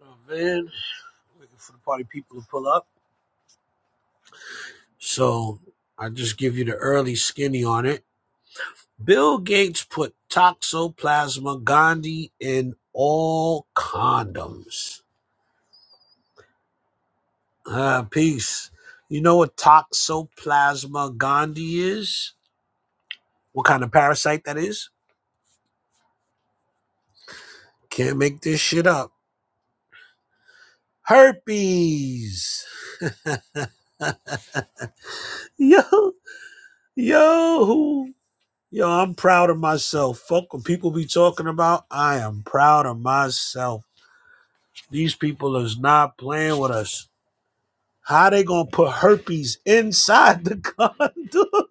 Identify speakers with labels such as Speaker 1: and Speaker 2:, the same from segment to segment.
Speaker 1: a van, waiting for the party people to pull up. So I just give you the early skinny on it. Bill Gates put toxoplasma gondii in all condoms. Ah, peace. You know what toxoplasma gondii is? What kind of parasite that is? Can't make this shit up. Herpes. yo, yo. Yo, I'm proud of myself. Fuck what people be talking about. I am proud of myself. These people is not playing with us. How they gonna put herpes inside the condom?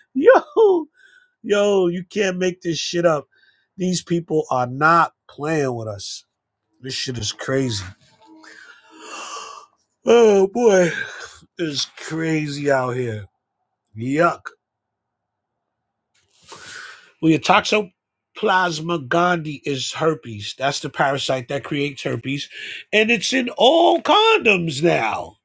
Speaker 1: yo, yo, you can't make this shit up. These people are not playing with us. This shit is crazy. Oh boy, it's crazy out here. Yuck. Well, your toxoplasma gondii is herpes. That's the parasite that creates herpes, and it's in all condoms now.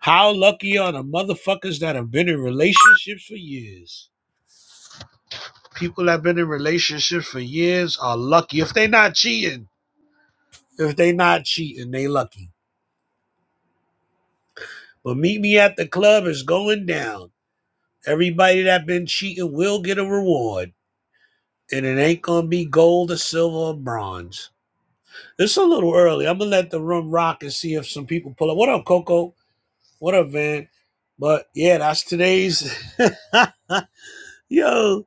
Speaker 1: How lucky are the motherfuckers that have been in relationships for years? People that have been in relationships for years are lucky if they not cheating. If they not cheating, they lucky. But meet me at the club is going down. Everybody that been cheating will get a reward, and it ain't gonna be gold or silver or bronze. It's a little early. I'm gonna let the room rock and see if some people pull up. What up, Coco? What up, Van? But yeah, that's today's. Yo,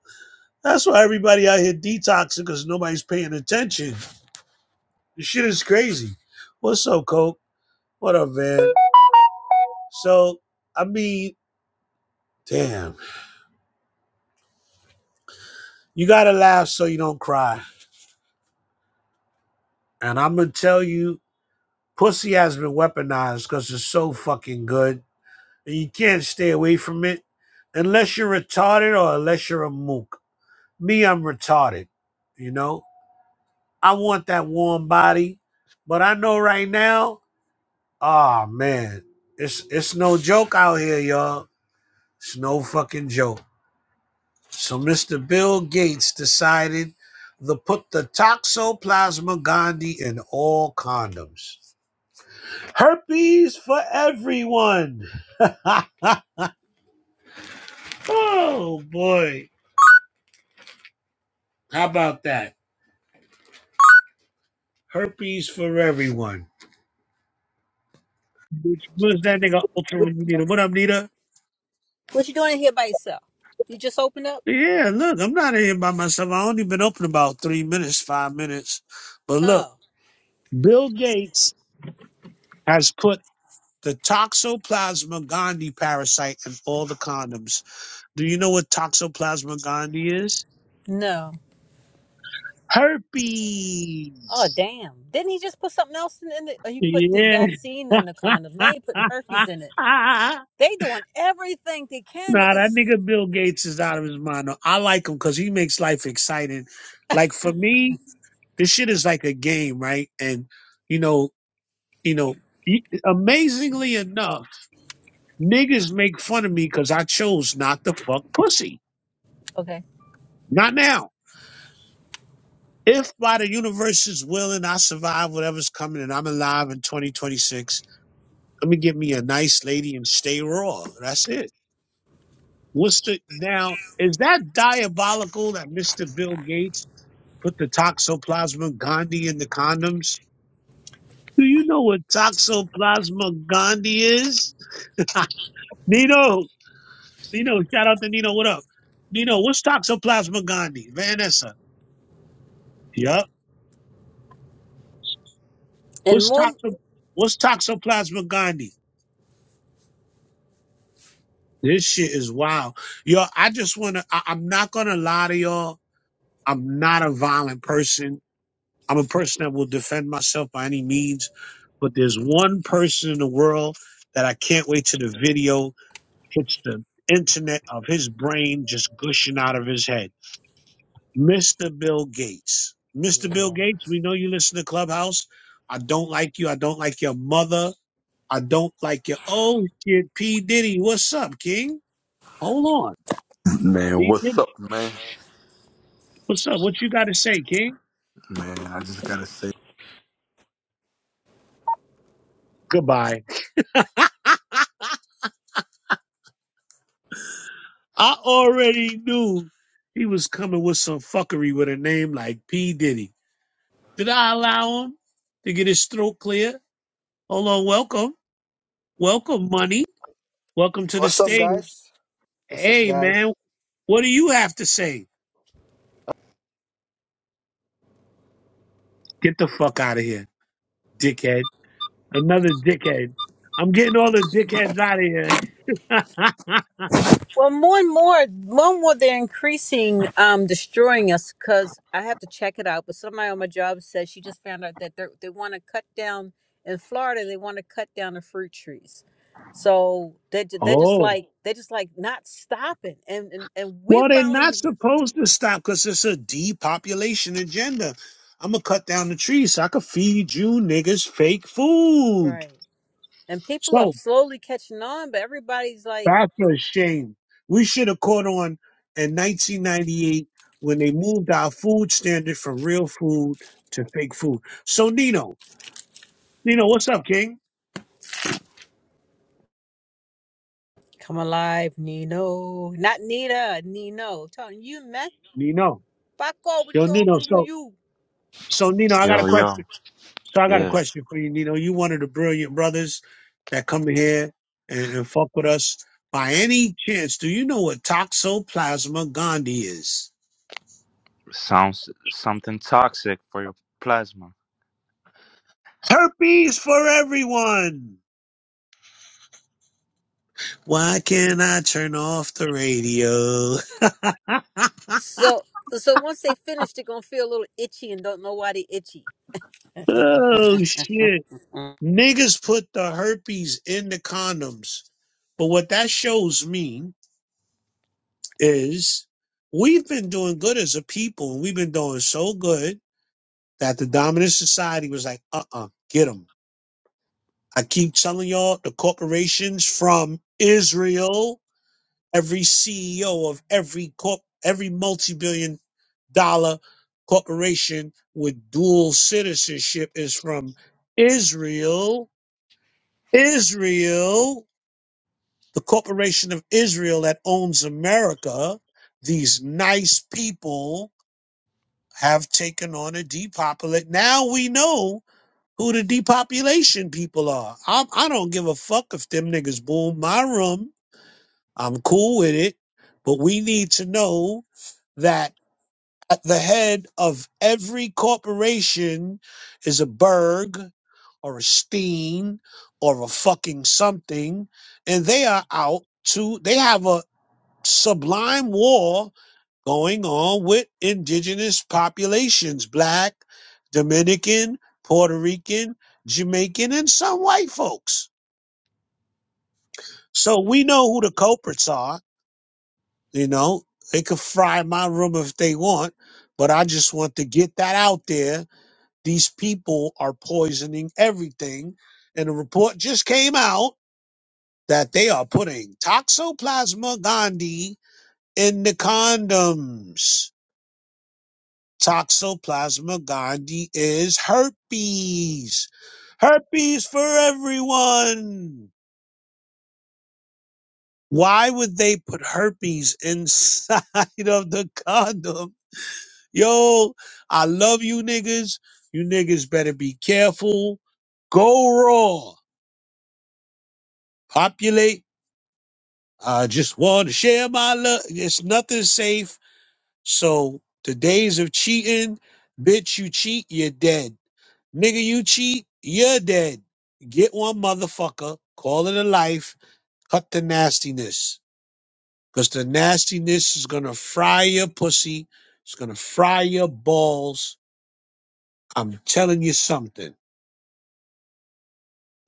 Speaker 1: that's why everybody out here detoxing because nobody's paying attention. This shit is crazy. What's up, Coke? What up, Van? So, I mean, damn. You gotta laugh so you don't cry. And I'm gonna tell you, pussy has been weaponized because it's so fucking good and you can't stay away from it unless you're retarded or unless you're a mook. Me, I'm retarded. You know, I want that warm body, but I know right now, ah man, it's it's no joke out here, y'all. It's no fucking joke. So Mr. Bill Gates decided to put the Toxoplasma gondii in all condoms. Herpes for everyone. oh boy, how about that? herpes for everyone. Which was that nigga
Speaker 2: What,
Speaker 1: Ultra Nita? What up, Nita?
Speaker 2: what you doing in here by yourself? You just opened up?
Speaker 1: Yeah, look, I'm not in here by myself. I only been open about three minutes, five minutes. But look,
Speaker 2: Oh
Speaker 1: Bill Gates has put the Toxoplasma gondii parasite in all the condoms. Do you know what Toxoplasma gondii is?
Speaker 2: no. Oh
Speaker 1: Herpes.
Speaker 2: damn! Didn't he just put something else in, in it? Oh, he put the vaccine
Speaker 1: Yeah.
Speaker 2: in the condom. Now you putting herpes in it. They doing everything they can.
Speaker 1: Nah, that
Speaker 2: Is
Speaker 1: nigga Bill Gates is out of his mind. though. I like him because he makes life exciting. Like for me, this shit is like a game, right? And you know, you know, y- amazingly enough, niggas make fun of me because I chose not to fuck pussy.
Speaker 2: okay.
Speaker 1: Not now. If by the universe's willing, I survive whatever's coming and I'm alive in 2026, let me get me a nice lady and stay raw. That's it. What's the now? Is that diabolical that Mr. Bill Gates? Put the toxoplasma gondii in the condoms. Do you know what toxoplasma gondii is? Nino, Nino, shout out to Nino. What up, Nino? What's toxoplasma gondii? Vanessa. Yup.
Speaker 2: And
Speaker 1: What's
Speaker 2: more.
Speaker 1: toxo? What's toxoplasma gondii? This shit is wild, yo. I just wanna. I, I'm not gonna lie to y'all. I'm not a violent person. I'm a person that will defend myself by any means. But there's one person in the world that I can't wait to the video It's the internet of his brain just gushing out of his head. Mr. Bill Gates. Mr. Bill Gates, we know you listen to Clubhouse. I don't like you. I don't like your mother. I don't like your oh shit, P. Diddy. What's up, King? Hold on.
Speaker 3: Man,
Speaker 1: P.
Speaker 3: what's
Speaker 1: Diddy.
Speaker 3: up, man?
Speaker 1: What's up? What you gotta say, King?
Speaker 3: Man, I just gotta say,
Speaker 1: Goodbye. I already knew he was coming with some fuckery with a name like P. Diddy. Did I allow him to get his throat clear? Hold on, welcome. Welcome, money. Welcome to the
Speaker 4: What's up,
Speaker 1: stage.
Speaker 4: guys? What's up,
Speaker 1: Hey,
Speaker 4: guys?
Speaker 1: man, what do you have to say? Get the fuck out of here, dickhead. Another dickhead. I'm getting all the dickheads out of here.
Speaker 2: Well, more and more, more and more, they're increasing, um, destroying us. Cause I have to check it out. But somebody on my job said she just found out that they they want to cut down in Florida. They want to cut down the fruit trees. So they ju- they just
Speaker 1: oh,
Speaker 2: like they just like not stopping. And and and we're
Speaker 1: well, they're not
Speaker 2: finally
Speaker 1: supposed to stop because it's a depopulation agenda. I'm going to cut down the trees so I can feed you niggas fake food.
Speaker 2: right. And people are
Speaker 1: So
Speaker 2: slowly catching on, but everybody's like,
Speaker 1: That's a shame. We should have caught on in 1998 when they moved our food standard from real food to fake food. So Nino, Nino, what's up, King?
Speaker 2: "Come alive, Nino, not Nita, Nino." Telling you, man,
Speaker 1: Nino,
Speaker 2: fuck all. We're
Speaker 1: yo, Nino.
Speaker 2: talking to
Speaker 1: So,
Speaker 2: you.
Speaker 1: so Nino, I got a
Speaker 5: Yo, yo,
Speaker 1: question. So I got a
Speaker 5: yeah,
Speaker 1: question for you, Nino. You one of the brilliant brothers that come in here and, and fuck with us. By any chance, do you know what toxoplasma gondii is?
Speaker 5: sounds something toxic for your plasma.
Speaker 1: Herpes for everyone. Why can't I turn off the radio?
Speaker 2: So so once they finish, they're gonna feel a little itchy and don't know why they itchy.
Speaker 1: oh shit. Niggas put the herpes in the condoms. But what that shows me is we've been doing good as a people and we've been doing so good that the dominant society was like, uh uh get 'em. I keep telling y'all the corporations from Israel every CEO of every corp, every multi-billion dollar corporation with dual citizenship is from Israel. Israel, the corporation of Israel that owns America, these nice people have taken on a depopulate. Now we know who the depopulation people are. I'm, I don't give a fuck if them niggas boom my room. I'm cool with it. But we need to know that At the head of every corporation is a Berg or a Steen or a fucking something, and they are out to, they have a sublime war going on with indigenous populations, black, Dominican, Puerto Rican, Jamaican, and some white folks. So we know who the culprits are. You know, they could fry my room if they want, but I just want to get that out there These people are poisoning everything. And a report just came out that they are putting Toxoplasma gondii in the condoms. Toxoplasma gondii is herpes. Herpes for everyone. Why would they put herpes inside of the condom? Yo, I love you niggas. You niggas better be careful. Go raw. Populate I just want to share my love. It's nothing safe. So the days of cheating, bitch, you cheat, you're dead. Nigga, you cheat, you're dead. Get one motherfucker, call it a life, cut the nastiness. Because the nastiness is going to fry your pussy. It's going to fry your balls. I'm telling you something.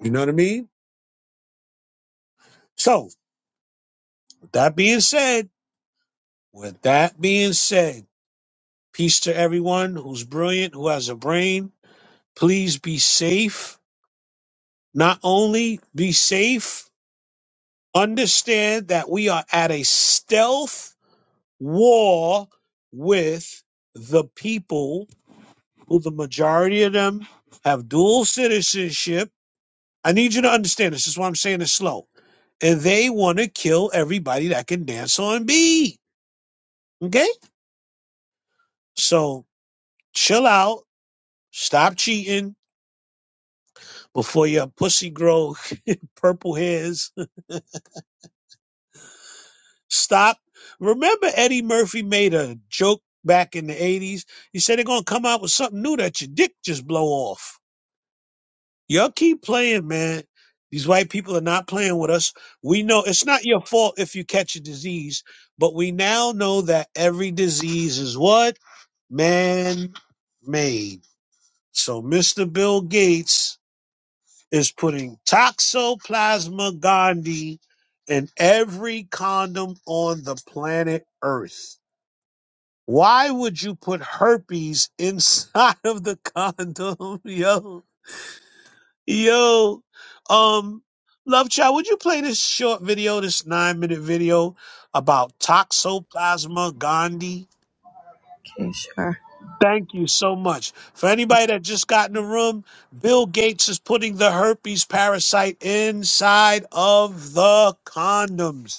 Speaker 1: You know what I mean? So, with that being said, with that being said, peace to everyone who's brilliant, who has a brain Please be safe. Not only be safe, understand that we are at a stealth war with the people who the majority of them have dual citizenship. I need you to understand this. This is why I'm saying this slow. And they want to kill everybody that can dance on beat. Okay? So chill out. Stop cheating before your pussy grow purple hairs Stop. Remember Eddie Murphy made a joke back in the 80s? He said they're going to come out with something new that your dick just blow off. Y'all keep playing, man. These white people are not playing with us. We know it's not your fault if you catch a disease, but we now know that every disease is what? Man made. So Mr. Bill Gates is putting Toxoplasma gondii in every condom on the planet Earth. Why would you put herpes inside of the condom? Yo, yo. Um, Love Child, would you play this short video, this nine minute video about Toxoplasma gondii?
Speaker 6: Okay, sure.
Speaker 1: Thank you so much. For anybody that just got in the room, Bill Gates is putting the herpes parasite inside of the condoms.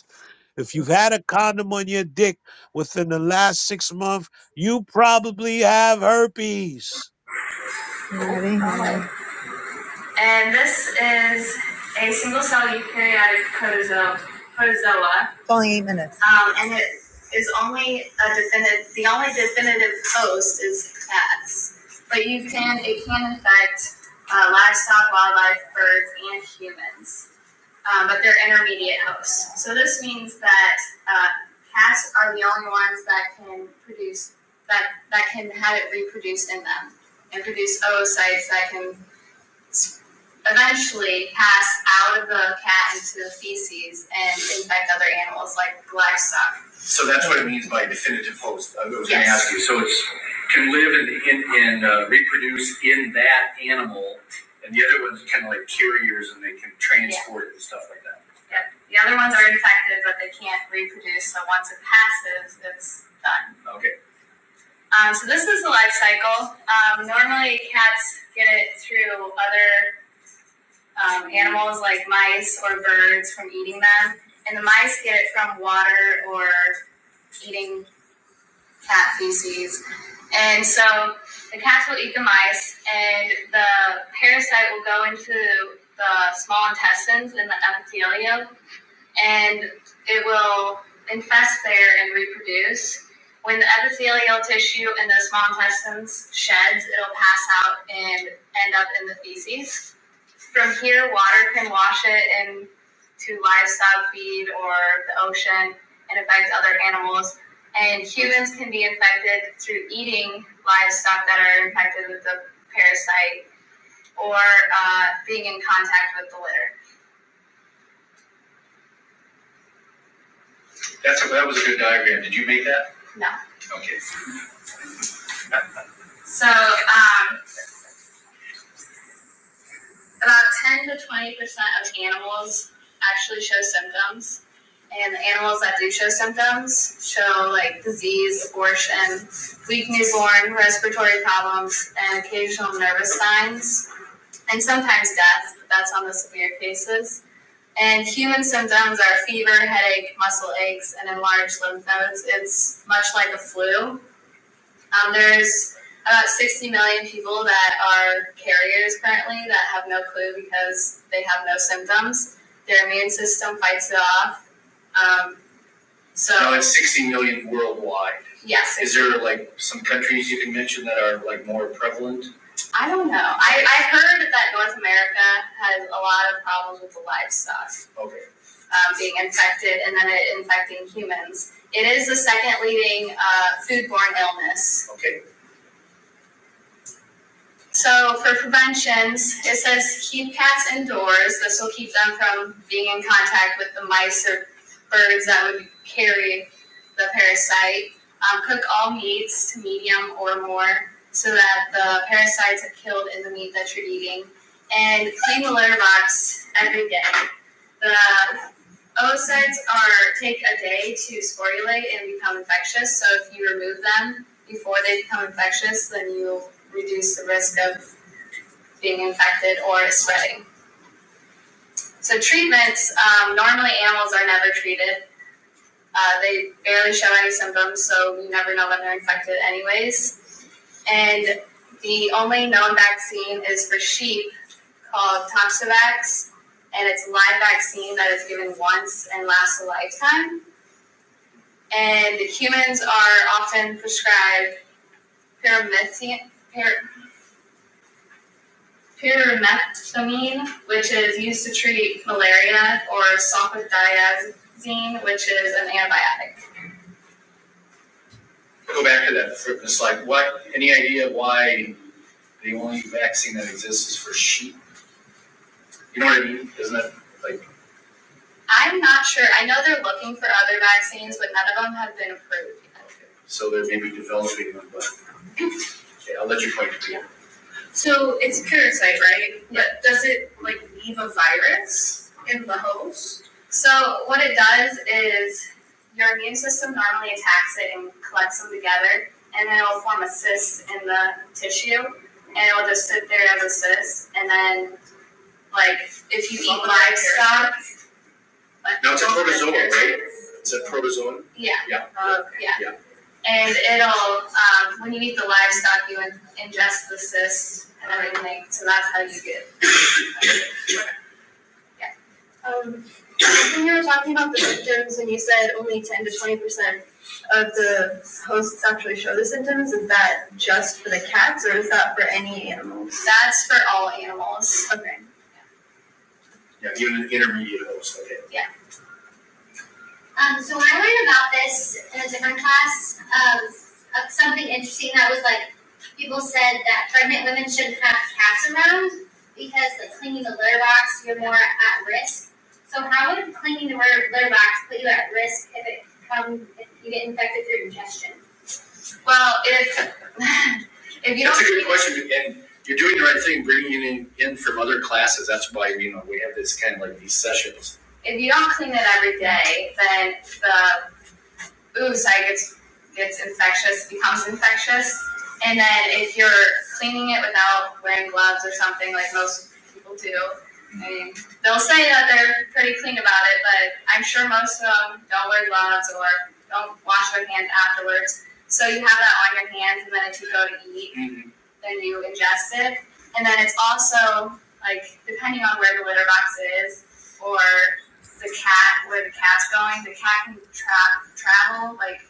Speaker 1: If you've had a condom on your dick within the last six months, you probably have herpes.
Speaker 6: Ready? And this is a single cell eukaryotic protozo- protozoa. It's only eight minutes. Um, and it is only a definitive, the only definitive host is cats. But you can, it can infect uh, livestock, wildlife, birds, and humans. um, but they're intermediate hosts. So this means that uh, cats are the only ones that can produce that that can have it reproduce in them and produce oocytes that can eventually pass out of the cat into the feces and infect other animals like livestock. So that's what it means by definitive host. I was yes. going to Yes. ask you. So it's can live and in, in, uh, reproduce in that animal, and the other one's kind of like carriers and they can transport yeah. it and stuff like that. Yep. The other ones are infected, but they can't reproduce. So once it passes, it's done. Okay. Um, so this is the life cycle. Um, normally, cats get it through other um, animals like mice or birds from eating them. And the mice get it from water or eating cat feces. And so the cats will eat the mice, and the parasite will go into the small intestines in the epithelium, and it will infest there and reproduce. When the epithelial tissue in the small intestines sheds, it'll pass out and end up in the feces. From here, water can wash it into livestock feed or the ocean and affect other animals. And humans can be infected through eating livestock that are infected with the parasite or uh, being in contact with the litter. That's a, that was a good diagram. Did you make that? No. Okay. So um, About 10 to 20 percent of animals actually show symptoms, and the animals that do show symptoms show like disease, abortion, weak newborn, respiratory problems, and occasional nervous signs, and sometimes death. But that's on the severe cases. And human symptoms are fever, headache, muscle aches, and enlarged lymph nodes. It's much like a flu. Um, there's about 60 million people that are carriers currently that have no clue because they have no symptoms. Their immune system fights it off. Um, so, Now it's 60 million worldwide. yes, Is there like some countries you can mention that are like more prevalent? I don't know. I, I heard that North America has a lot of problems with the livestock. Okay. um, being infected and then it infecting humans. It is the second leading uh, foodborne illness Okay. So for preventions, it says keep cats indoors. This will keep them from being in contact with the mice or birds that would carry the parasite. Um, cook all meats to medium or more so that the parasites are killed in the meat that you're eating. And clean the litter box every day. The oocytes are take a day to sporulate and become infectious. So if you remove them before they become infectious, then you reduce the risk of being infected or is spreading. So treatments, um, normally animals are never treated. Uh, they barely show any symptoms, so you never know when they're infected anyways. And the only known vaccine is for sheep called Toxovax, and it's a live vaccine that is given once and lasts a lifetime. And humans are often prescribed pyrimethamine, pyrimethamine, which is used to treat malaria, or sopodiazine, which is an antibiotic. Go back to that fitness, like what, any idea why the only vaccine that exists is for sheep? You know what I mean? Isn't that, like? I'm not sure. I know they're looking for other vaccines, but none of them have been approved. yet. so they're maybe developing them, but okay, I'll let you point to me. So it's a parasite, right? Yeah. But does it like leave a virus in the host? So what it does is your immune system normally attacks it and collects them together, and then it'll form a cyst in the tissue, and it'll just sit there as a cyst. And then, like, if you eat livestock, like No, it's a do protozoa, right? parasites. It's a protozoan. Yeah. Yeah. Uh, yeah. Yeah. And it'll, um, when you eat the livestock, you ingest the cysts and everything, so that's how you get. yeah. Um, when you were talking about the symptoms, and you said only ten to twenty percent of the hosts actually show the symptoms, is that just for the cats, or is that for any animals? That's for all animals. Okay. Yeah, even an intermediate dose, okay. Yeah. Um, so when I learned about this in a different class of, of something interesting that was like people said that pregnant women shouldn't have cats around because like cleaning the litter box you're more at risk. So how would cleaning the litter litter box put you at risk if it come if you get infected through ingestion? Well, if, if you don't. That's don't a good question, and you're doing the right thing, bringing it in, in from other classes, that's why, you know, we have this kind of like these sessions. If you don't clean it every day, then the oocyte gets gets infectious, becomes infectious, and then if you're cleaning it without wearing gloves or something like most people do, I mean, they'll say that they're pretty clean about it, but I'm sure most of them don't wear gloves or don't wash their hands afterwards. So you have that on your hands, and then if you go to eat, Mhm. then you ingest it. And then it's also like depending on where the litter box is or the cat where the cat's going. The cat can tra- travel, like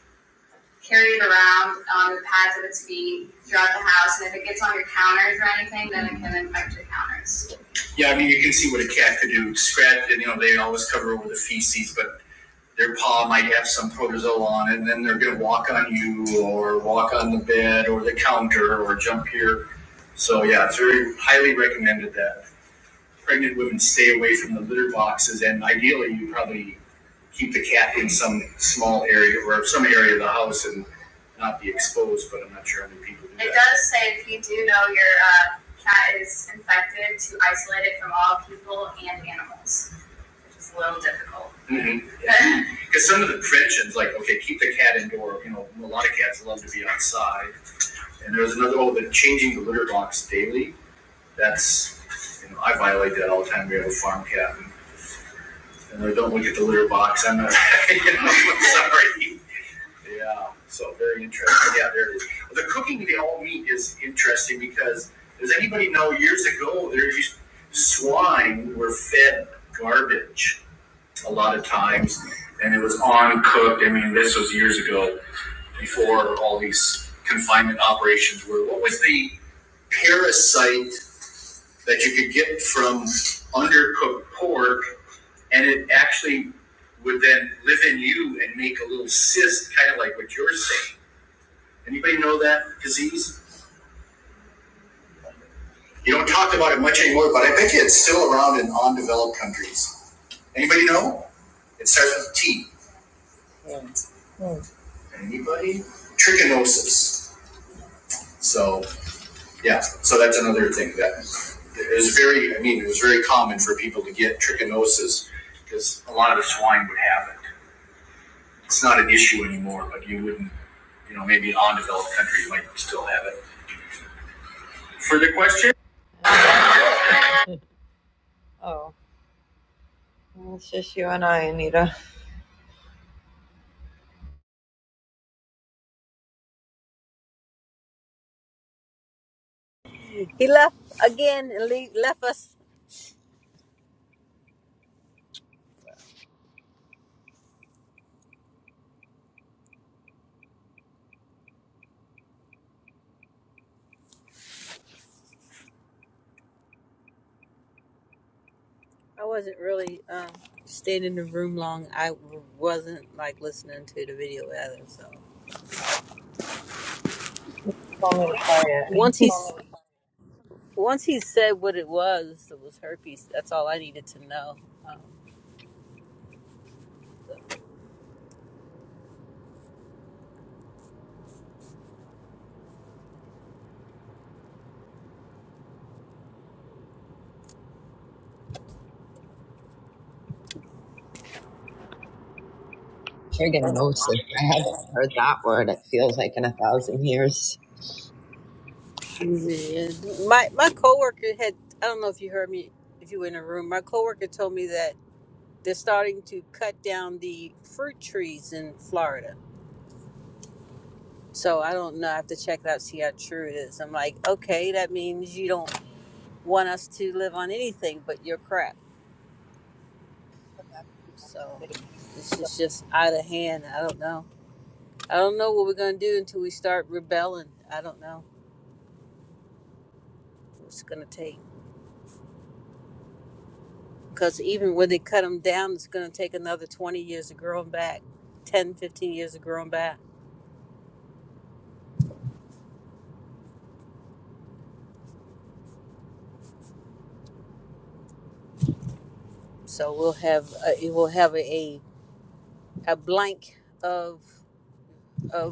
Speaker 6: carry it around on the pads of its feet throughout the house, and if it gets on your counters or anything, then it can infect your counters. Yeah, I mean, you can see what a cat could do. Scratch, you know, they always cover over the feces, but their paw might have some protozoa on it, and then they're going to walk on you or walk on the bed or the counter or jump here. So, yeah, it's very highly recommended that pregnant women stay away from the litter boxes, and ideally, you probably keep the cat in some small area or some area of the house and not be exposed. But I'm not sure how many people do It that. It does say if you do know your uh, cat is infected, to isolate it from all people and animals, which is a little difficult. Mhm. Because some of the preventions, like okay, keep the cat indoor. You know, a lot of cats love to be outside. And there was another oh, the changing the litter box daily that's, you know, I violate that all the time. We have a farm cat and, and I don't look at the litter box. I'm not, you know, I'm sorry. Yeah, so very interesting. Yeah, there it is. The cooking the all meat is interesting because does anybody know years ago there used swine were fed garbage a lot of times and it was uncooked. I mean, this was years ago before all these confinement operations were. What was the parasite that you could get from undercooked pork, and it actually would then live in you and make a little cyst, kind of like what you're saying. Anybody know that disease? You don't talk about it much anymore, but I bet you it's still around in undeveloped countries. Anybody know? It starts with T. Yeah. Anybody? Trichinosis. So yeah, so that's another thing that is very. I mean, it was very common for people to get trichinosis because a lot of the swine would have it. it's not an issue anymore, but you wouldn't, you know, maybe in undeveloped country, you might still have it. Further question? Oh, well, it's just you and I, Anita.
Speaker 2: He left again and le- left us. I wasn't really um, staying in the room long. I wasn't like listening to the video either. So
Speaker 6: Tell me to play it.
Speaker 2: once he s- once he said what it was, it was herpes. That's all I needed to know. Um,
Speaker 6: Trigonosis. I haven't heard that word. It feels like in a thousand years.
Speaker 2: yeah. my my coworker had. I don't know if you heard me. If you were in the room, my coworker told me that They're starting to cut down the fruit trees in Florida. So I don't know. I have to check it out, see how true it is. I'm like, okay, that means you don't want us to live on anything but your crap. So this is just out of hand. I don't know. I don't know what we're going to do until we start rebelling. I don't know what it's going to take. Because even when they cut them down, it's going to take another 20 years to grow them back, 10, 15 years to grow them back. So we'll have a, we'll have a, a blank of of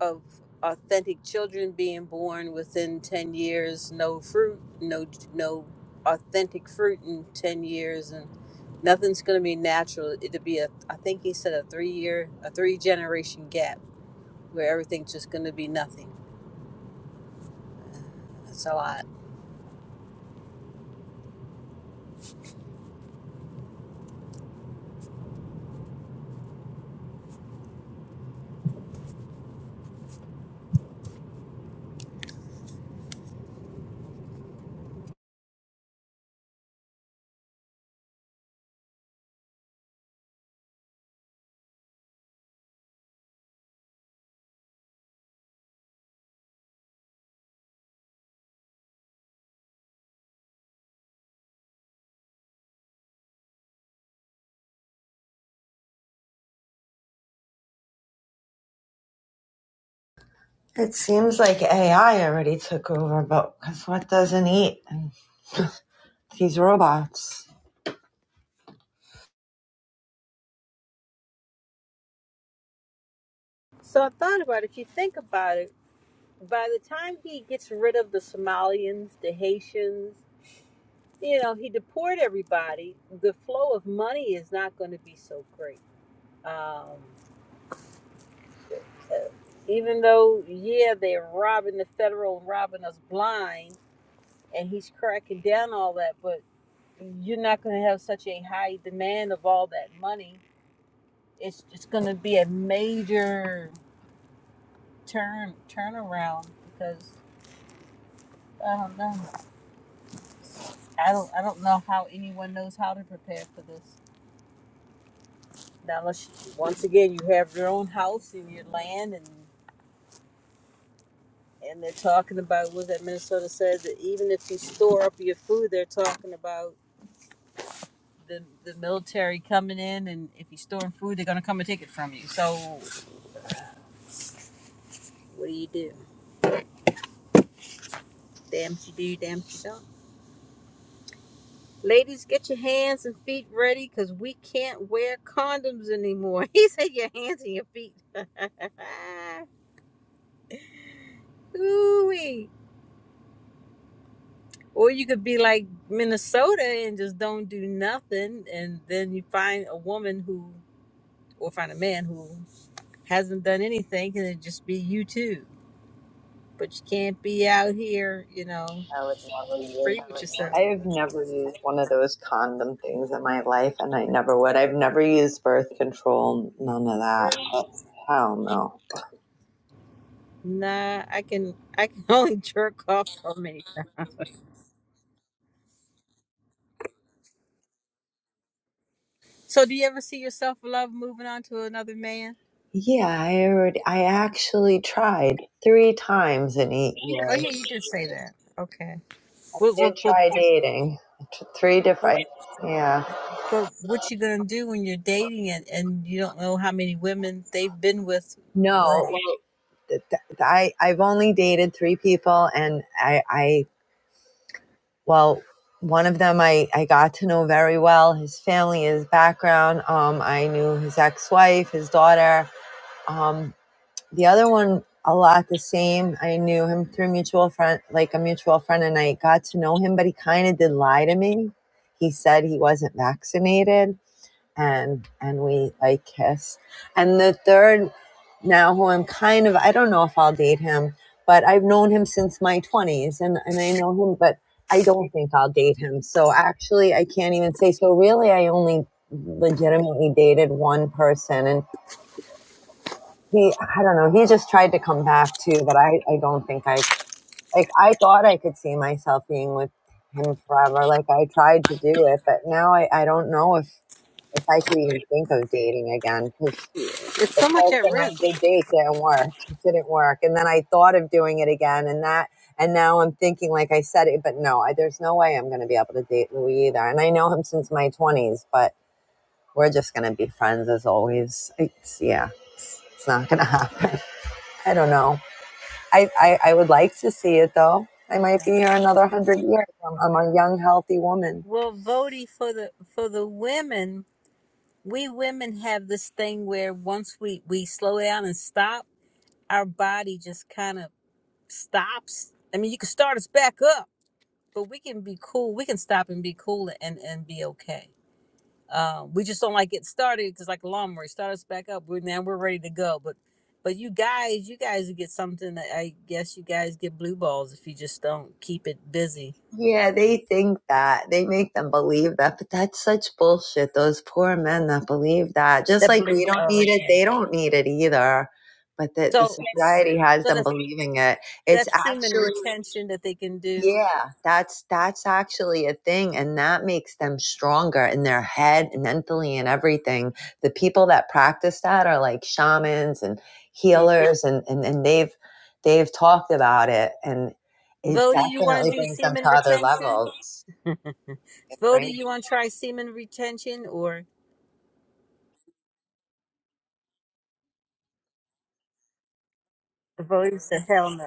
Speaker 2: of authentic children being born within 10 years no fruit no no authentic fruit in 10 years and nothing's going to be natural it'll be a i think he said a three year a three generation gap where everything's just going to be nothing that's a lot
Speaker 6: It seems like AI already took over, But because what doesn't eat? And these robots.
Speaker 2: so i thought about it if you think about it by the time he gets rid of the somalians the haitians you know he deported everybody the flow of money is not going to be so great Um, even though yeah they're robbing the federal and robbing us blind and he's cracking down all that but you're not going to have such a high demand of all that money it's just going to be a major turn turnaround because i don't know i don't i don't know how anyone knows how to prepare for this now unless you- once again you have your own house and your land and and they're talking about what that minnesota said that even if you store up your food they're talking about the the military coming in, and if you're storing food, they're gonna come and take it from you. So what do you do? Damn if you do, damn if you don't. Ladies, get your hands and feet ready, cause we can't wear condoms anymore. He said your hands and your feet. Ooh Or you could be like Minnesota and just don't do nothing, and then you find a woman who, or find a man who hasn't done anything, and it just be you two. But you can't be out here, you know
Speaker 6: I would never
Speaker 2: for
Speaker 6: use
Speaker 2: you just
Speaker 6: I have never used one of those condom things in my life, and I never would. I've never used birth control, none of that.
Speaker 2: Really?
Speaker 6: Hell no.
Speaker 2: Nah, I can I can only jerk off so many times. So do you ever see yourself love moving on to another man?
Speaker 6: Yeah, I already. I actually tried three times in eight
Speaker 2: Oh
Speaker 6: years.
Speaker 2: yeah, you did say that. Okay. What
Speaker 6: I
Speaker 2: what
Speaker 6: did
Speaker 2: what
Speaker 6: try
Speaker 2: what,
Speaker 6: dating, three
Speaker 2: what,
Speaker 6: different. Yeah,
Speaker 2: what, what you gonna do when you're dating and, and you don't know how many women they've been with
Speaker 6: no,
Speaker 2: wrong?
Speaker 6: I I've only dated three people, and I I well, one of them I I got to know very well. His family, his background. Um, I knew his ex wife, his daughter Um, the other one, a lot the same. I knew him through mutual friend, like a mutual friend, and I got to know him. But he kind of did lie to me. He said he wasn't vaccinated, and and we like kissed. And the third, now who I'm kind of, I don't know if I'll date him, but I've known him since my 20s, and and I know him, but I don't think I'll date him. So actually, I can't even say. So really, I only legitimately dated one person, and he i don't know he just tried to come back too but i i don't think i like i thought i could see myself being with him forever like i tried to do it but now i i don't know if if i could even think of dating again because
Speaker 2: It's
Speaker 6: the
Speaker 2: so much at
Speaker 6: person i
Speaker 2: risk.
Speaker 6: did date didn't work it didn't work and then i thought of doing it again and that and now i'm thinking like i said it but no I, there's no way i'm going to be able to date louis either and i know him since my 20s but we're just going to be friends as always it's yeah it's, it's not going to happen i don't know I, I, I would like to see it though. I might be here another hundred years. I'm, I'm a young, healthy woman.
Speaker 2: Well, Vody, for the for the women, we women have this thing where once we we slow down and stop, our body just kind of stops. I mean, you can start us back up, but we can be cool. We can stop and be cool and and be okay. Uh, we just don't like get started because, like a lawnmower, start us back up. We're now we're ready to go. But but you guys, you guys get something that I guess you guys get blue balls if you just don't keep it busy.
Speaker 6: Yeah, they think that. They make them believe that, but that's such bullshit. Those poor men that believe that. Just
Speaker 2: That
Speaker 6: like
Speaker 2: blue.
Speaker 6: we don't
Speaker 2: Oh,
Speaker 6: need it,
Speaker 2: okay.
Speaker 6: they don't need it either. But the, the
Speaker 2: So so
Speaker 6: society has them
Speaker 2: that's
Speaker 6: believing it. It's
Speaker 2: that semen
Speaker 6: actually
Speaker 2: retention that they can do.
Speaker 6: yeah, that's that's actually a thing and that makes them stronger in their head and mentally and everything. The people that practice that are like shamans and
Speaker 2: Yeah.
Speaker 6: healers and and, and they've they've talked about it and it
Speaker 2: Vody, you want to
Speaker 6: definitely
Speaker 2: do
Speaker 6: brings them
Speaker 2: semen
Speaker 6: to other
Speaker 2: retention?
Speaker 6: levels.
Speaker 2: Vody,
Speaker 6: Right?
Speaker 2: you want to try semen retention or? Vody said, hell no.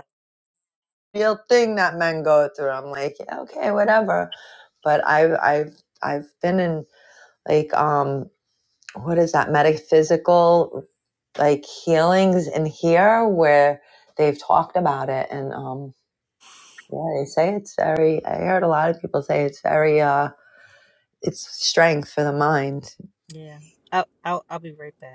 Speaker 6: Real thing that men go through. I'm like, yeah, okay, whatever. But I've I've I've been in like um what is that metaphysical like healings in here where they've talked about it and um yeah they say it's very i heard a lot of people say it's very uh it's strength for the mind
Speaker 2: Yeah. I'll, I'll I'll be right back.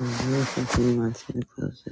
Speaker 6: Well, Wilson, who wants me to close